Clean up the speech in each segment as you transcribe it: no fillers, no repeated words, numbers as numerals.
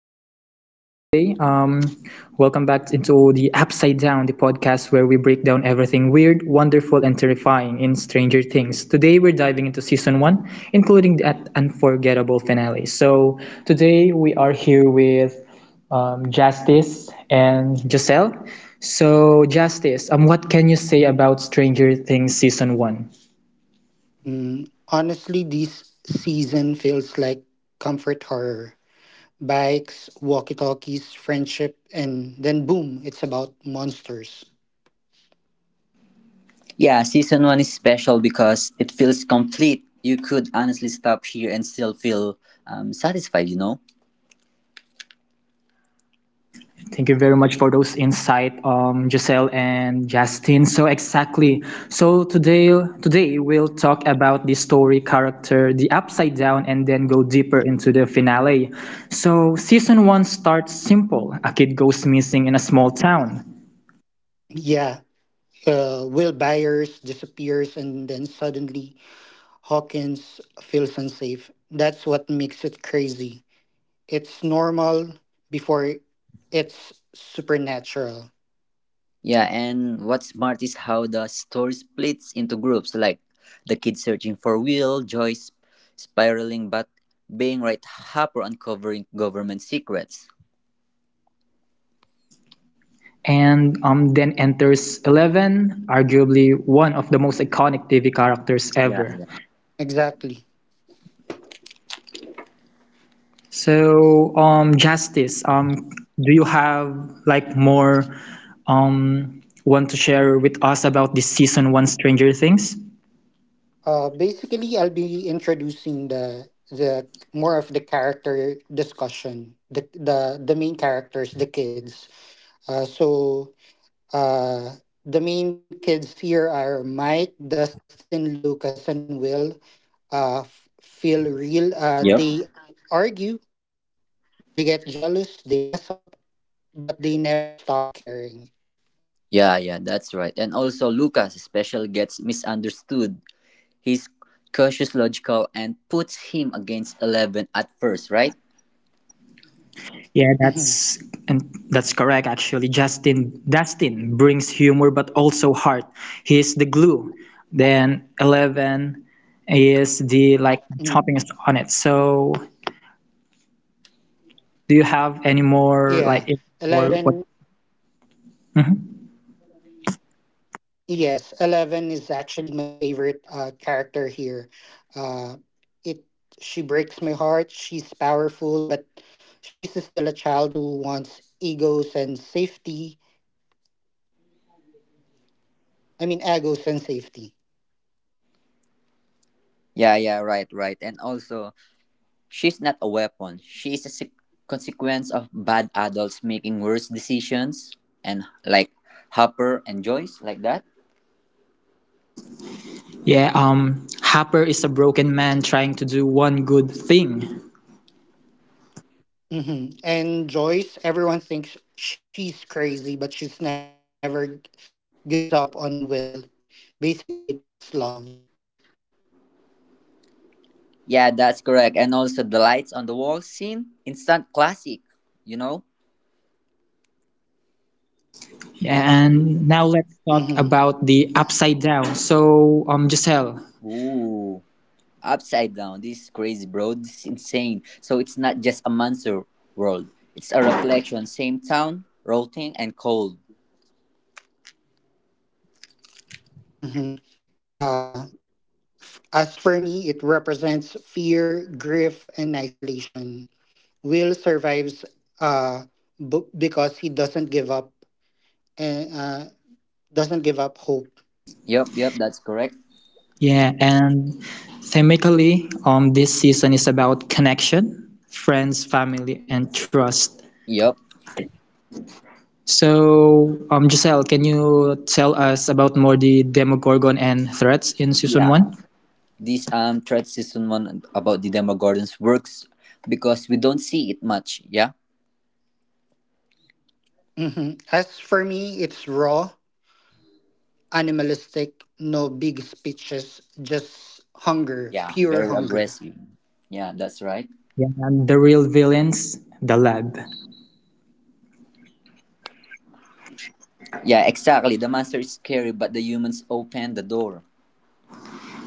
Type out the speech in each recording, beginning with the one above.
guys. For today, welcome back into the Upside Down, the podcast where we break down everything weird, wonderful, and terrifying in Stranger Things. Today, we're diving into season one, including that unforgettable finale. So, today we are here with Justice and Giselle. So, Justice, what can you say about Stranger Things season one? Honestly, this season feels like comfort horror. Bikes, walkie talkies, friendship, and then boom, it's about monsters. Yeah, season one is special because it feels complete. You could honestly stop here and still feel satisfied, you know? Thank you very much for those insight, Giselle and Justin. So exactly. So today, we'll talk about the story character, the upside down, and then go deeper into the finale. So season one starts simple. A kid goes missing in a small town. Yeah, Will Byers disappears, and then suddenly Hawkins feels unsafe. That's what makes it crazy. It's normal before it's supernatural. Yeah, and what's smart is how the story splits into groups like the kids searching for Will, Joyce spiraling, but being right, Hopper uncovering government secrets. And then enters Eleven, arguably one of the most iconic TV characters Yeah. ever. Exactly. So, Justice, do you have like more want to share with us about this season one Stranger Things? Basically, I'll be introducing the more of the character discussion. The main characters, the kids. Uh, so uh, the main kids here are Mike, Dustin, Lucas, and Will. Feel real. They Yep. argue, they get jealous, they mess up, but they never stop caring. Yeah, yeah, that's right. And also, Lucas especially gets misunderstood. He's cautious, logical, and puts him against 11 at first, right? Yeah, that's Mm-hmm. and that's correct actually. Justin Dustin brings humor but also heart. He is the glue. Then Eleven is the like toppings on Mm-hmm. it. So, do you have any more like Yeah. if- or what? Eleven. Mhm. Yes, Eleven is actually my favorite character here. Uh, it she breaks my heart. She's powerful, but she's still a child who wants egos and safety. I mean, egos and safety. Yeah, yeah, right, right. And also, she's not a weapon. She is a consequence of bad adults making worse decisions, and like Hopper and Joyce, like that. Yeah, Hopper is a broken man trying to do one good thing. Hmm. And Joyce, everyone thinks she's crazy, but she's never g- gives up on Will. Basically, that's love. Yeah, that's correct. And also, the lights on the wall scene, instant classic, you know? Yeah, and now Hmm. let's talk about the upside down. So, Giselle, Ooh, upside down. This is crazy, bro. This is insane. So, it's not just a monster world, it's a reflection. Same town, rotting and cold. Hmm. Uh, as for me, it represents fear, grief, and isolation. Will survives uh, because he doesn't give up and doesn't give up hope. Yup, yup, that's correct. yeah, and thematically, this season is about connection, friends, family, and trust. Yup. So, Giselle, can you tell us about more the Demogorgon and threats in season one? Yeah, this thread season one about the Demogorgons works because we don't see it much. Yeah, Mhm. As for me, it's raw, animalistic, no big speeches, just hunger, yeah, pure very hunger. aggressive. Yeah, that's right. Yeah, and the real villains, the lab. Yeah, exactly. The monster is scary, but the humans open the door.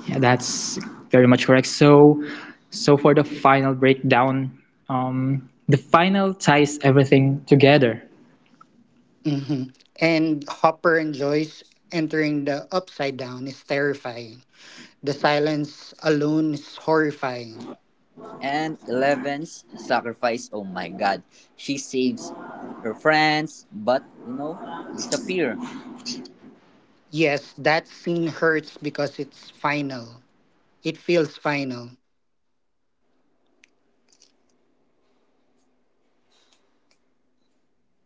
Yeah, that's very much correct. So, so for the final breakdown, the final ties everything together. Mhm. And Hopper enjoys entering the upside down is terrifying. The silence alone is horrifying. And 11's sacrifice. Oh my God, she saves her friends, but you know, disappear. Yes, that scene hurts because it's final. It feels final.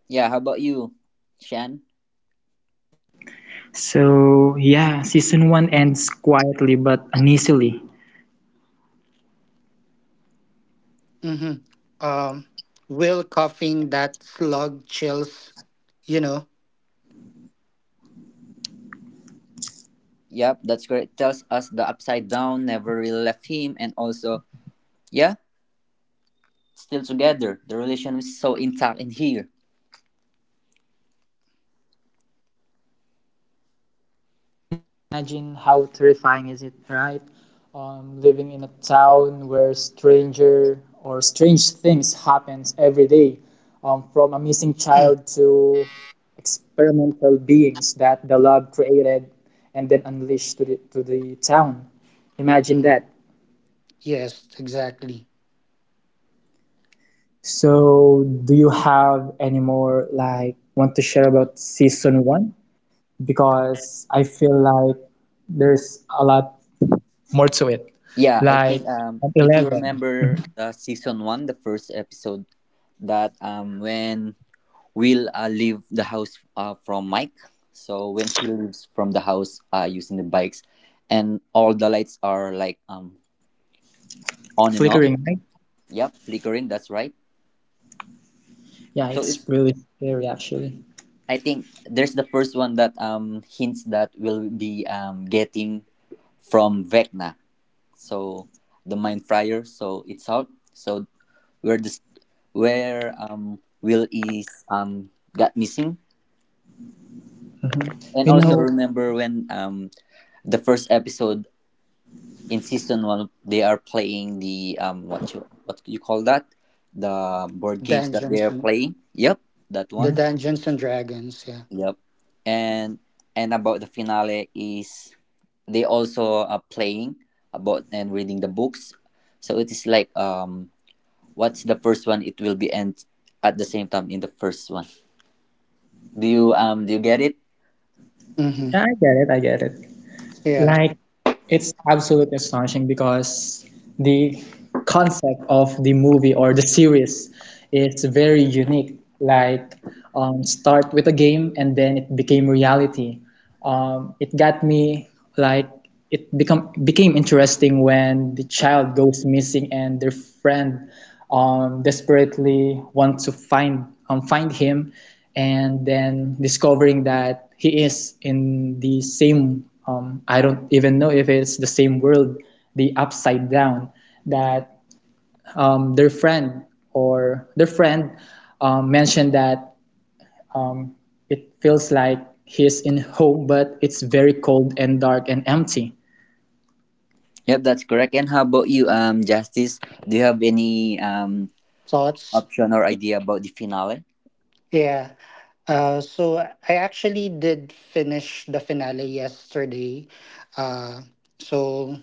Yeah, how about you, Shan? So yeah, season one ends quietly but uneasily. Hmm. Um, Will coughing that slug chills, you know. Yep, that's correct. Tells us the upside down never really left him, and also, yeah, still together. The relation is so intact in here. Imagine how terrifying is it, right? Living in a town where strange things happens every day, from a missing child to experimental beings that the lab created and then unleashed to the town. Imagine Mm. that. Yes, exactly. So, do you have any more like want to share about season one? Because I feel like there's a lot more to it. Yeah, I think Like at if you 11. remember Mhm. the season one, the first episode that when Will leave the house from Mike. So when he leaves from the house using the bikes and all the lights are like on and off. Flickering light. Yep, flickering, that's right. Yeah, So it's it's really scary actually. I think there's the first one that hints that will be getting from Vecna. So the mind fryer, so it's out. So where the st- where Will is got missing. Mhm. And You also Mm. know. remember when the first episode in season one they are playing the um, what you call that, the board games that they Dungeons are and playing. Yep, that the one. Mhm. Dungeons and Dragons, yeah. Yep. And about the finale is they also are playing about and reading the books. So it is like what's the first one? It will be end at the same time in the first one. Do you get it? Mm-hmm. Yeah, I get it. I get it. Yeah. Like, it's absolutely astonishing because the concept of the movie or the series is very unique. Like, start with a game and then it became reality. It got me like it become became interesting when the child goes missing and their friend desperately want to find him, and then discovering that he is in the same I don't even know if it's the same world, the upside down, that um, their friend their friend mentioned that it feels like he's in home, but it's very cold and dark and empty. Yep, that's correct. And how about you, Justice? Do you have any Thoughts? option or idea about the finale? Yeah. So I actually did finish the finale yesterday. Uh, so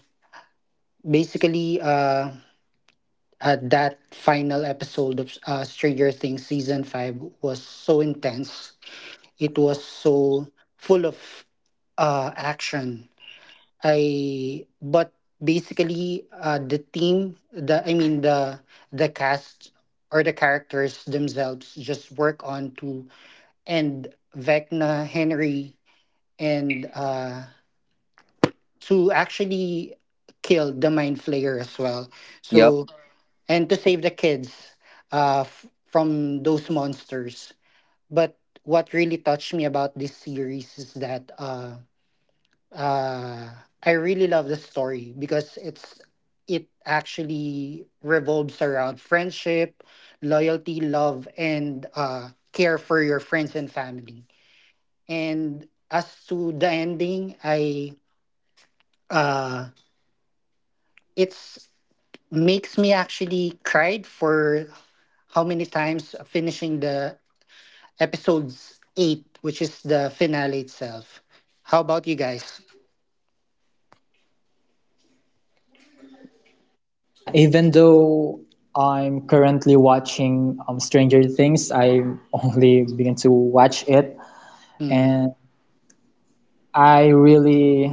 basically, uh, that final episode of Stranger Things season five was so intense, it was so full of action. I but basically the team, the I mean the cast or the characters themselves just work on to end Vecna, Henry, and to actually kill the mind flayer as well. Yep. So and to save the kids from those monsters. But what really touched me about this series is that. Uh, I really love the story because it actually revolves around friendship, loyalty, love, and care for your friends and family. And as to the ending, I uh, it's makes me actually cried for how many times finishing the episodes eight, which is the finale itself. How about you guys? Yeah, even though I'm currently watching Stranger Things, I only began to watch it, Mm. and I really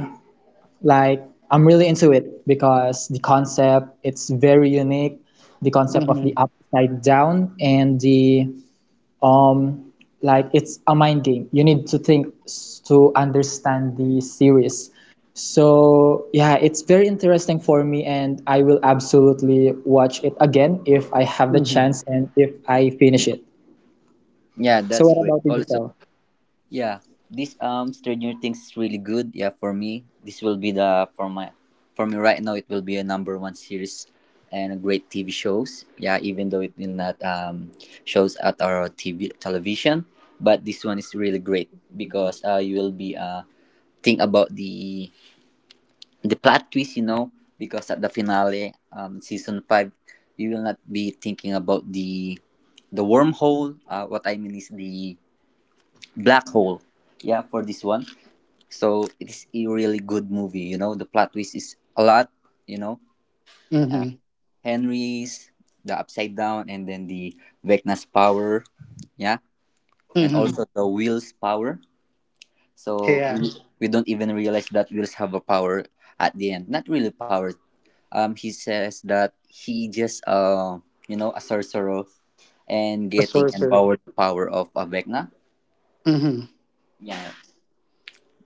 like I'm really into it because the concept it's very unique, the concept of Mm-hmm. the upside down and the um like it's a mind game. You need to understand the series. So yeah, it's very interesting for me, and I will absolutely watch it again if I have the Mm-hmm. chance and if I finish it. Yeah, So that's what great. about you, Also, Giselle? yeah, this Stranger Things is really good. Yeah, for me, this will be the for me right now it will be a number one series and a great TV shows. Yeah, even though it will not shows at our TV television, but this one is really great because you will be think about the plot twist, you know, because at the finale, season 5, you will not be thinking about the wormhole. What I mean is the black hole. Yeah, for this one. So it is a really good movie. You know, the plot twist is a lot. You know, uh, Mm-hmm. Henry's the upside down, and then the Vecna's power. Yeah, and Mm-hmm. also the Will's power. So Yeah. Mm. we don't even realize that wills have a power at the end. Not really power. He says that he just you know, a sorcerer and A getting sorcerer. empowered the power of a Vecna. Hmm. Yeah,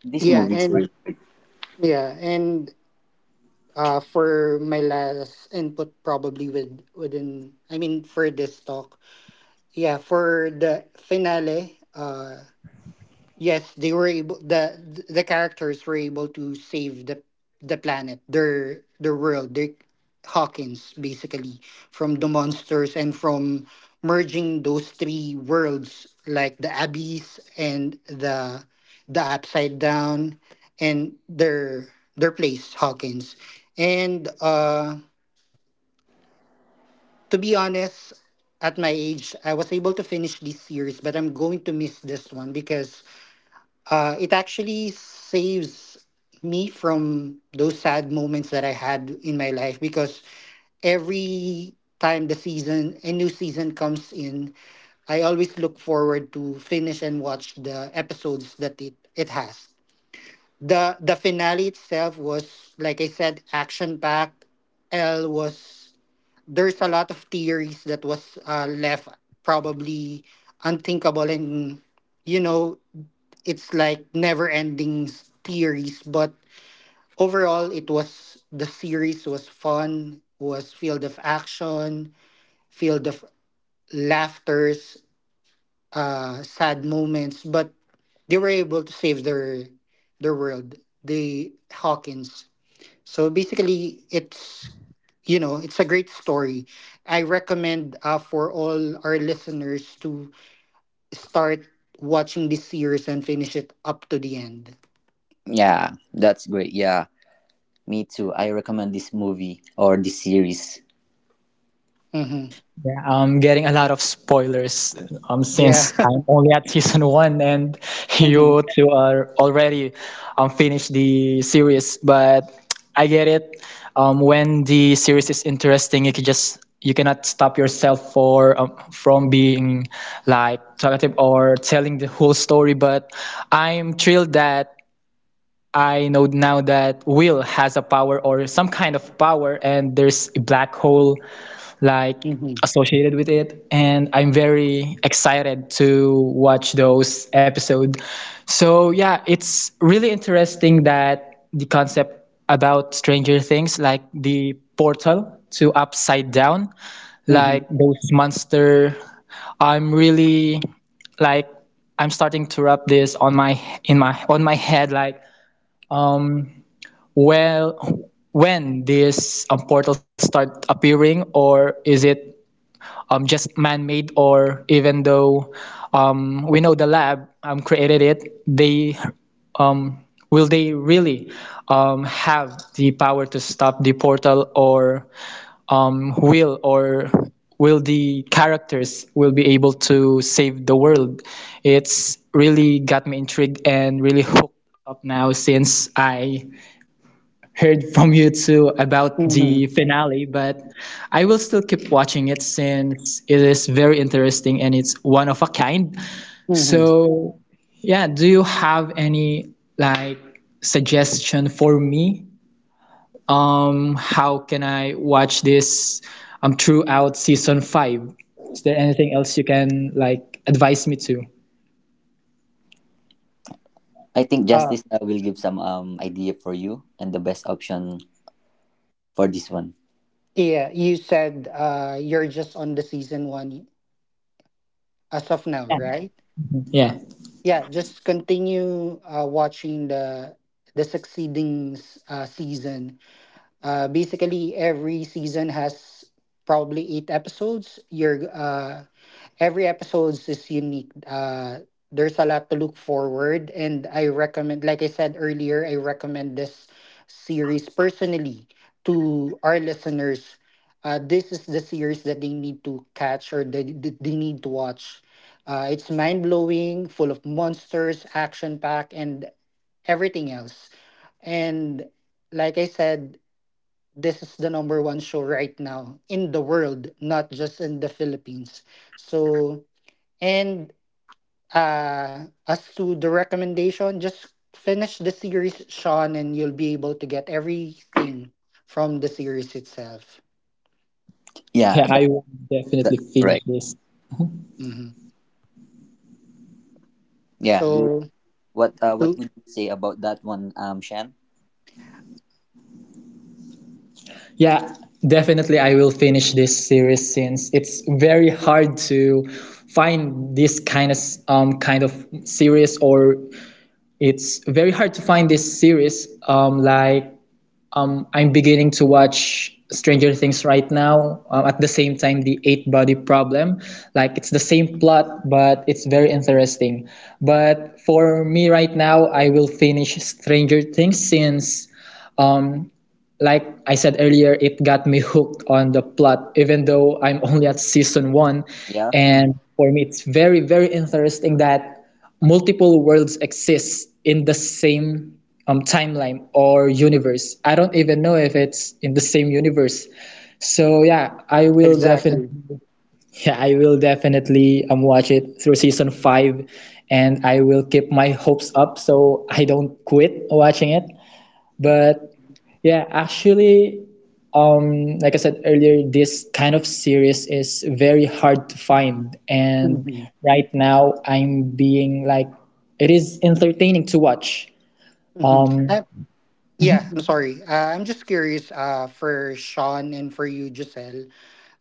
this Yeah, movie is and really. yeah, and For my last input, probably within, I mean, for this talk, yeah, for the finale. Yes, the characters were able to save the planet, their world, their Hawkins basically, from the monsters and from merging those three worlds like the abyss and the upside down and their place Hawkins. And to be honest, at my age, I was able to finish this series, but I'm going to miss this one because it actually saves me from those sad moments that I had in my life, because every time the season a new season comes in, I always look forward to finish and watch the episodes that it has. The finale itself was, like I said, action packed. L was There's a lot of theories that was left probably unthinkable and, you know, it's like never ending theories, but overall it was the series was fun, was filled of action, filled of laughters, sad moments, but they were able to save their world, the Hawkins. So basically it's, you know, it's a great story. I recommend for all our listeners to start watching this series and finish it up to the end. Yeah, that's great. Yeah, me too. I recommend this movie or this series. Hmm. Yeah, I'm getting a lot of spoilers Yeah. since I'm only at season one, and Hmm. you two are already finished the series. But I get it. When the series is interesting, you can just you cannot stop yourself for from being like talkative or telling the whole story. But I'm thrilled that I know now that Will has a power or some kind of power, and there's a black hole like Hmm. associated with it, and I'm very excited to watch those episodes. So yeah, it's really interesting that the concept about Stranger Things like the portal to upside down, Hmm. like those monster, I'm really like I'm starting to wrap this on my head like, um well, when this portal start appearing, or is it just man-made, or even though we know the lab created it, they um, will they really have the power to stop the portal, or will the characters will be able to save the world? It's really got me intrigued and really hooked up now since I heard from you too about the Hmm. finale. But I will still keep watching it since it is very interesting and it's one of a kind. Hmm. So, yeah, do you have any like suggestion for me? How can I watch this throughout season five? Is there anything else you can like advise me to? I think Uh, Justice will give some idea for you and the best option for this one. yeah, you said you're just on the season one as of now, Yeah, right? yeah, Yeah, just continue watching the succeeding season. Basically, every season has probably eight episodes. You're Every episodes is unique. There's a lot to look forward, and I recommend, like I said earlier, I recommend this series personally to our listeners. This is the series that they need to catch or they need to watch. It's mind blowing, full of monsters, action packed, and everything else. And like I said, this is the number one show right now in the world, not just in the Philippines. So, and as to the recommendation, just finish the series, Sean, and you'll be able to get everything from the series itself. Yeah, yeah. I will definitely that's finish correct. this. Hmm. Yeah, do you— So, what to- would you say about that one, Shan? Yeah, definitely I will finish this series since it's very hard to find this kind of series, or it's very hard to find this series I'm beginning to watch Stranger Things right now at the same time the eight body problem. Like it's the same plot, but it's very interesting. But for me right now, I will finish Stranger Things since um like I said earlier, it got me hooked on the plot, even though I'm only at season one. Yeah, And Mhm. for me, it's very, very interesting that multiple worlds exist in the same timeline or universe. I don't even know if it's in the same universe. So yeah, I will definitely Exactly. yeah, I will definitely watch it through season five, and I will keep my hopes up so I don't quit watching it. But yeah, actually, like I said earlier, this kind of series is very hard to find. And Hmm. right now, I'm being like, it is entertaining to watch. Hmm. Um, Yeah, I'm sorry. I'm just curious for Sean and for you, Giselle.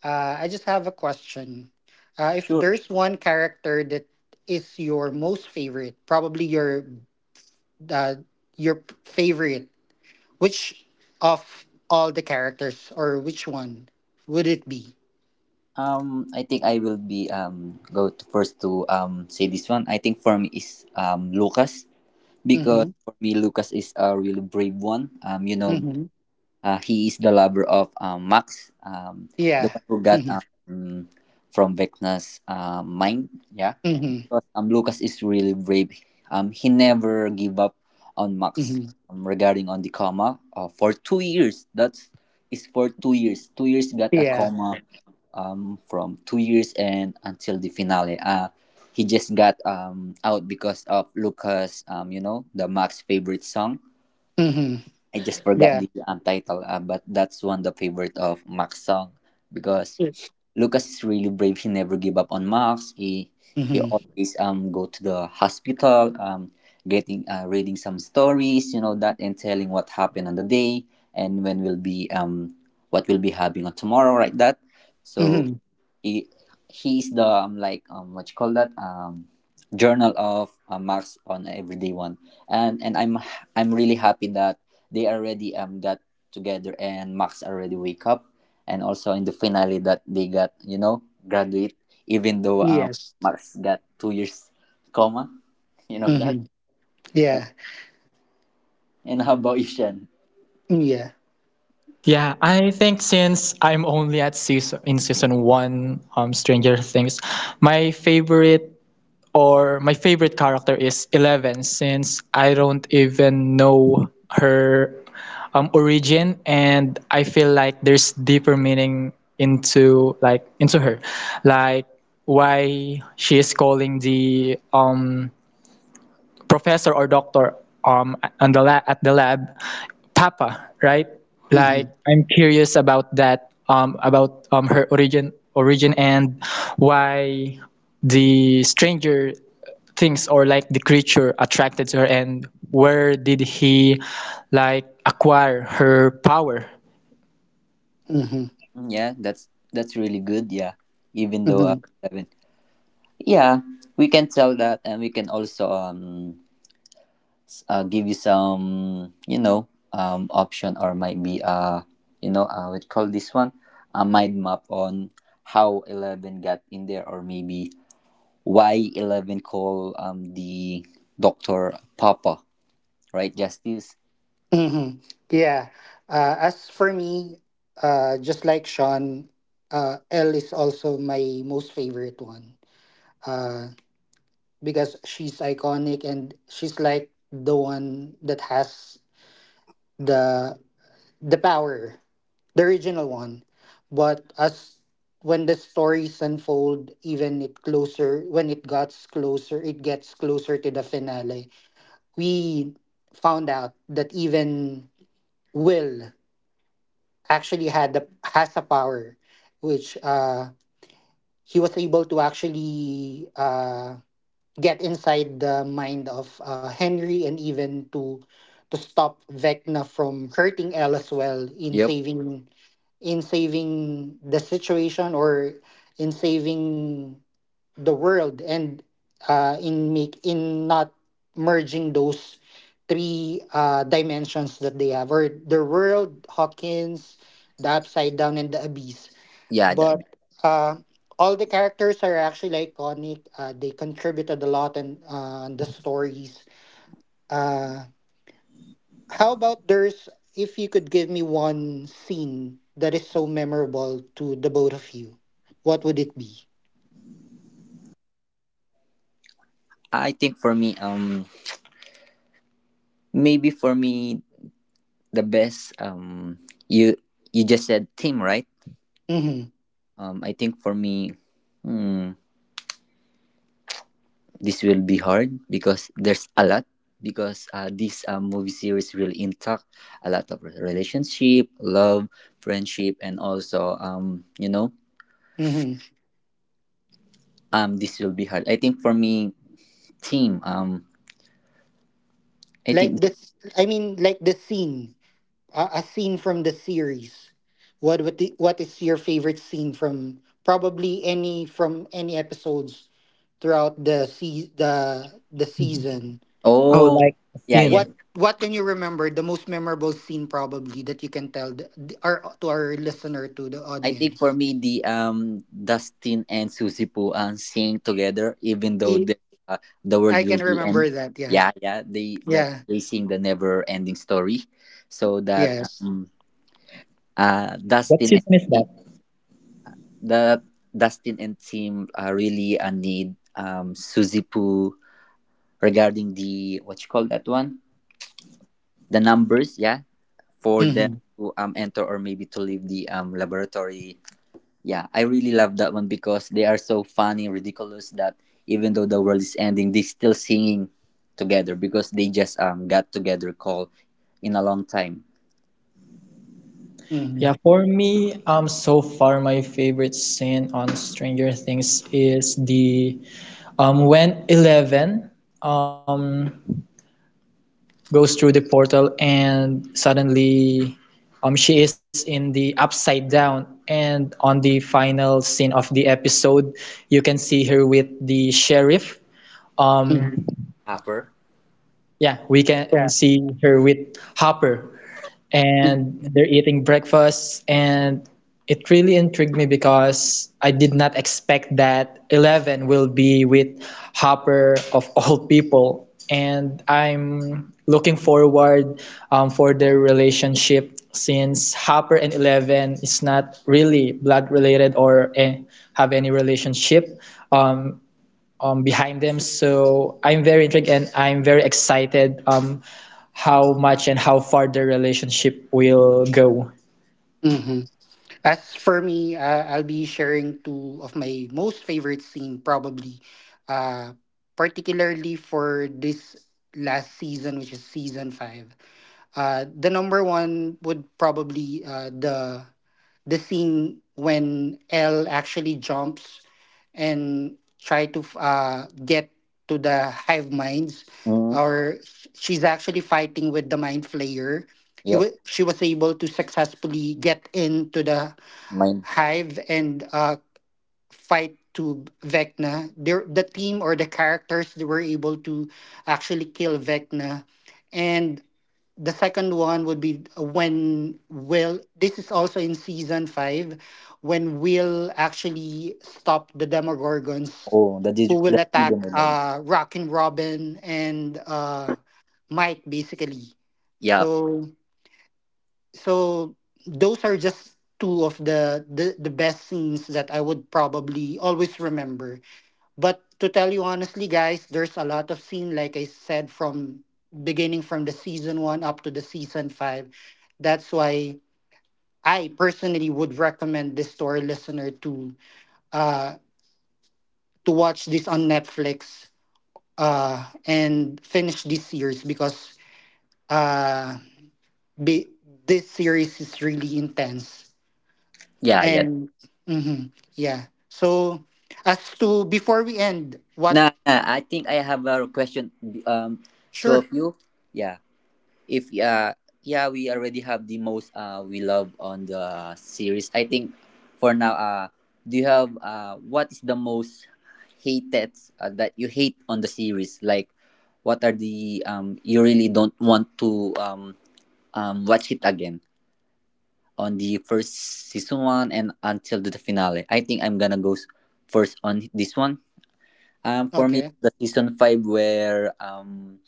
I just have a question. If sure. there's one character that is your most favorite, probably uh, your favorite, which of all the characters or which one would it be? I think I will be go to first to say this one. I think for me is Lucas because Mm-hmm. for me Lucas is a really brave one. You know, Mm-hmm. He is the lover of Max, the Yeah. one who got Mm-hmm. From Vecna's mind. Yeah, Mm-hmm. because Lucas is really brave. He never give up on Max, Mm-hmm. Regarding on the coma for 2 years. That's is for 2 years. 2 years got a Yeah. coma from 2 years and until the finale. Uh, he just got out because of Lucas, you know the Max favorite song. Mm-hmm. I just forgot Yeah. the title, but that's one the favorite of Max song because Lucas is really brave. He never give up on Max. He Mm-hmm. always go to the hospital getting reading some stories you know that and telling what happened on the day and when will be what will be having on tomorrow, right? That so Mm-hmm. he, he is the like what you call that journal of Max on everyday one. And I'm really happy that they already got together and Max already wake up and also in the finale that they got, you know, graduate even though Yes. Max got 2 years coma, you know that. Mm-hmm. Yeah. And how about you, Shen? Mm. Yeah. yeah, I think since I'm only at season one, Stranger Things, my favorite my favorite character is Eleven since I don't even know her origin, and I feel like there's deeper meaning into her like why she is calling the professor or doctor um at the lab papa, right? Mm-hmm. Like I'm curious about that about her origin, and why the Stranger Things or like the creature attracted to her, and where did he like acquire her power. Mm-hmm. Mm, yeah, that's really good. Yeah, even though Mm-hmm. I haven't- yeah, we can tell that, and we can also um, give you some, you know, option, or might be, uh, we call this one a mind map on how 11 got in there, or maybe why 11 call the doctor papa, right, Justice? Hmm. Yeah. As for me, just like Sean, Elle is also my most favorite one, uh, because she's iconic and she's like the one that has the the power, the original one. But as when the stories unfold, even it closer when it gets closer to the finale. We found out that even Will actually had the has a power, which he was able to actually get inside the mind of Henry and even to stop Vecna from hurting Elle as well Yep. In saving the situation or in saving the world, and in make in not merging those three dimensions that they have, or the world Hawkins, the upside down and the abyss. Yeah, that. But uh, all the characters are actually iconic. They contributed a lot in the stories. Uh, how about there's If you could give me one scene that is so memorable to the both of you, what would it be? I think for me, um maybe for me the best you— you just said team, right? Mm-hmm. I think for me, hmm, this will be hard because there's a lot because this movie series really intact a lot of relationship, love, friendship, and also, um, you know, Mm-hmm. This will be hard. I think for me, team, I Like think. this, I mean, like the scene, a scene from the series. What is your favorite scene from probably any from any episodes throughout the Mhm. season? Oh, Oh, like a yeah, yeah. what scene. what can you remember, the most memorable scene probably that you can tell our to our listener, to the I think for audience? me, the Dustin and Susie Poo sing together even though i the world I will can be end. remember that, yeah. Yeah, yeah. They that Yeah. they sing the never ending story, so that, Yes. um uh, What Dustin and season is team, that? the Dustin and team really need, Suzy Poo regarding the what you call that one, the numbers, yeah, for them Hmm. to enter or maybe to leave the laboratory. Yeah, I really love that one because they are so funny ridiculous that even though the world is ending they still singing together because they just got together call in a long time. Hmm. Yeah, for me, so far my favorite scene on Stranger Things is the when Eleven um, goes through the portal and suddenly she is in the upside down, and on the final scene of the episode you can see her with the sheriff, um, Hmm. Hopper. yeah, we can Yeah. see her with Hopper, and they're eating breakfast, and it really intrigued me because I did not expect that Eleven will be with Hopper of all people. And I'm looking forward for their relationship since Hopper and Eleven is not really blood related or have any relationship. Um, behind them. So I'm very intrigued and I'm very excited how much and how far the relationship will go. Hmm. As for me, I'll be sharing two of my most favorite scene probably, uh, particularly for this last season, which is season five. The number one would probably the scene when Elle actually jumps and try to f- get to the hive minds, Mm, or she's actually fighting with the mind flayer. He yep. wa She was able to successfully get into the Mine. Hive and fight to Vecna. The team or the characters that were able to actually kill Vecna. And the second one would be when Will, this is also in season five, when Will actually stopped the Demogorgons Oh, the who did will the freedom attack of the— Rockin' Robin and Mike, basically. yeah. So so those are just two of the best scenes that I would probably always remember. But to tell you honestly, guys, there's a lot of scene, like I said, from beginning from the season one up to the season five. That's why I personally would recommend this story listener uh to watch this on Netflix and finish this series, because uh be, this series is really intense. Yeah, yeah. And mhm, yeah. So as to before we end, what. Nah, nah, I think I have a question. Um, two of Sure. you. Yeah. If yeah, we already have the most we love on the series. I think for now, do you have what is the most hated, that you hate on the series? Like, what are the you really don't want to watch it again on the first season one and until the finale? I think I'm gonna go first on this one. For me, Okay. the season 5 where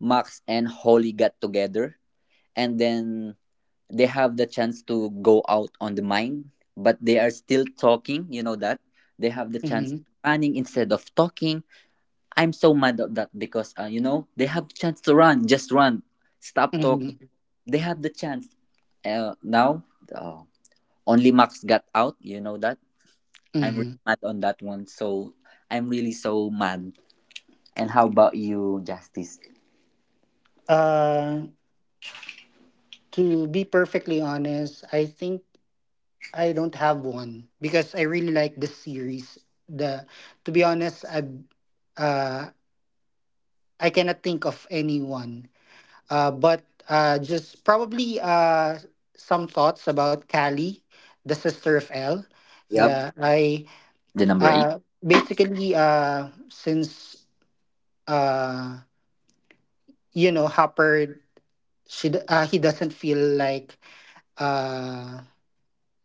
Max and Holly got together, and then they have the chance to go out on the mine, but they are still talking. You know that they have the chance Mm-hmm. running instead of talking. I'm so mad at that because, you know, they have the chance to run, just run, stop talking. Mm-hmm. They have the chance. Now uh, only Max got out. You know that I'm Mm-hmm. really mad on that one. So I'm really so mad. And how about you, Justice? Uh to be perfectly honest, I think I don't have one because I really like the series. The To be honest, uh I cannot think of anyone. But just probably some thoughts about Callie, the sister of Elle. Yep, Yeah, I the number 8. Uh, basically, since uh, you know Hopper, he doesn't feel like uh,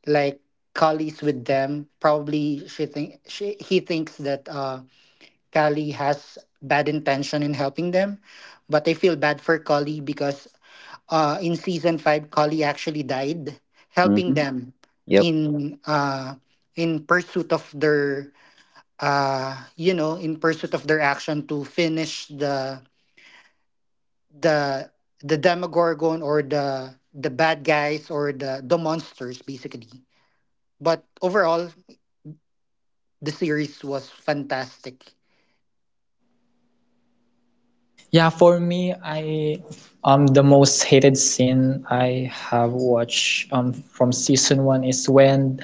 like Kali's with them. Probably she think she he thinks that Kali has bad intention in helping them, but I feel bad for Kali because in season five, Kali actually died helping Mm-hmm. them Yep. in pursuit of their you know, in pursuit of their action to finish the the Demogorgon, or the bad guys, or the monsters basically. But overall, the series was fantastic. Yeah, for me, I the most hated scene I have watched from season one is when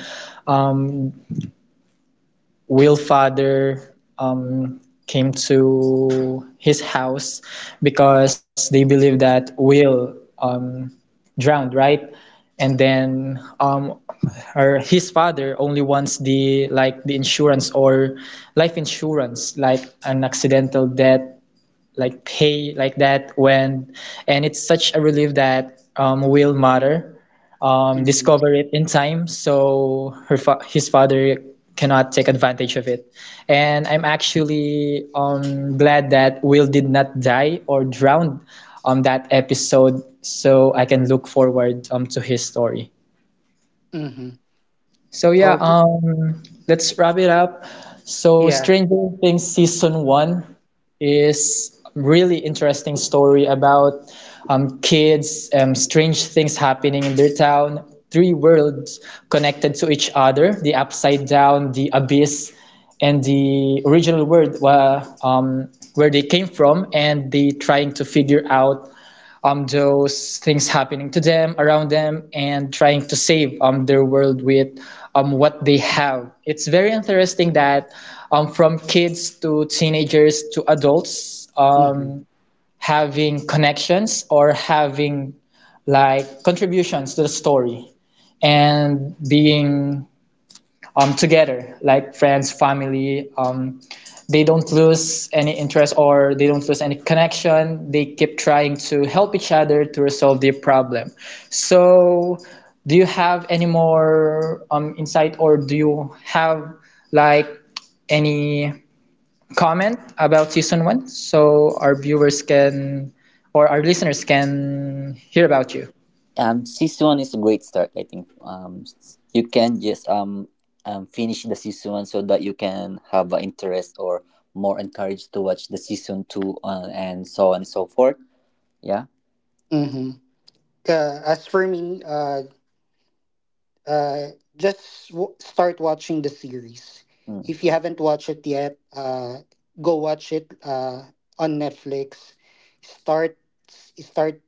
Will Father came to his house because they believe that Will drowned, right? And then her his father only wants the like the insurance or life insurance, like an accidental death like pay like that when, and it's such a relief that Will Mother Mm-hmm. discovered it in time, so his father cannot take advantage of it. And I'm actually glad that Will did not die or drown on that episode so I can look forward to his story. Mm-hmm. So yeah, Okay. Let's wrap it up. So Yeah. Stranger Things season one is a really interesting story about kids, strange things happening in their town, three worlds connected to each other, the upside down, the abyss, and the original world where they came from, and they trying to figure out those things happening to them around them, and trying to save their world with what they have. It's very interesting that from kids to teenagers to adults, Mm-hmm. Having connections or having like contributions to the story, and being together like friends family, they don't lose any interest or they don't lose any connection. They keep trying to help each other to resolve their problem. So, do you have any more insight, or do you have like any comment about season one so our viewers can or our listeners can hear about you? Um, season one is a great start. I think you can just finish the season one so that you can have an interest or more encouraged to watch the season two, and so on and so forth. Yeah. Mm-hmm. As for me, uh, start watching the series. If Mm. you haven't watched it yet, go watch it on Netflix. Start start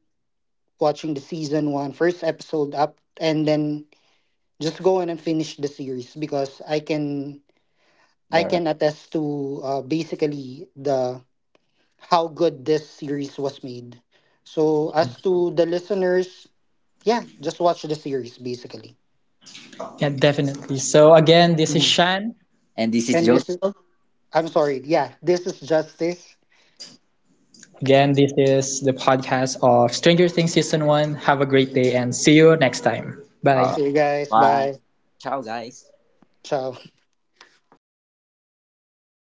watching the season one first episode up, and then just go in and finish the series, because I Garrett. can attest to basically the how good this series was made. So as to the listeners, yeah, just watch the series basically. Yeah, definitely. So, again, this is Mhm. Shan. And this is And this is, Joseph. I'm sorry, yeah, this is Justice. Again, this is the podcast of Stranger Things Season 1. Have a great day and see you next time. All Bye. right. See you guys. Bye. Bye. Ciao, guys. Ciao.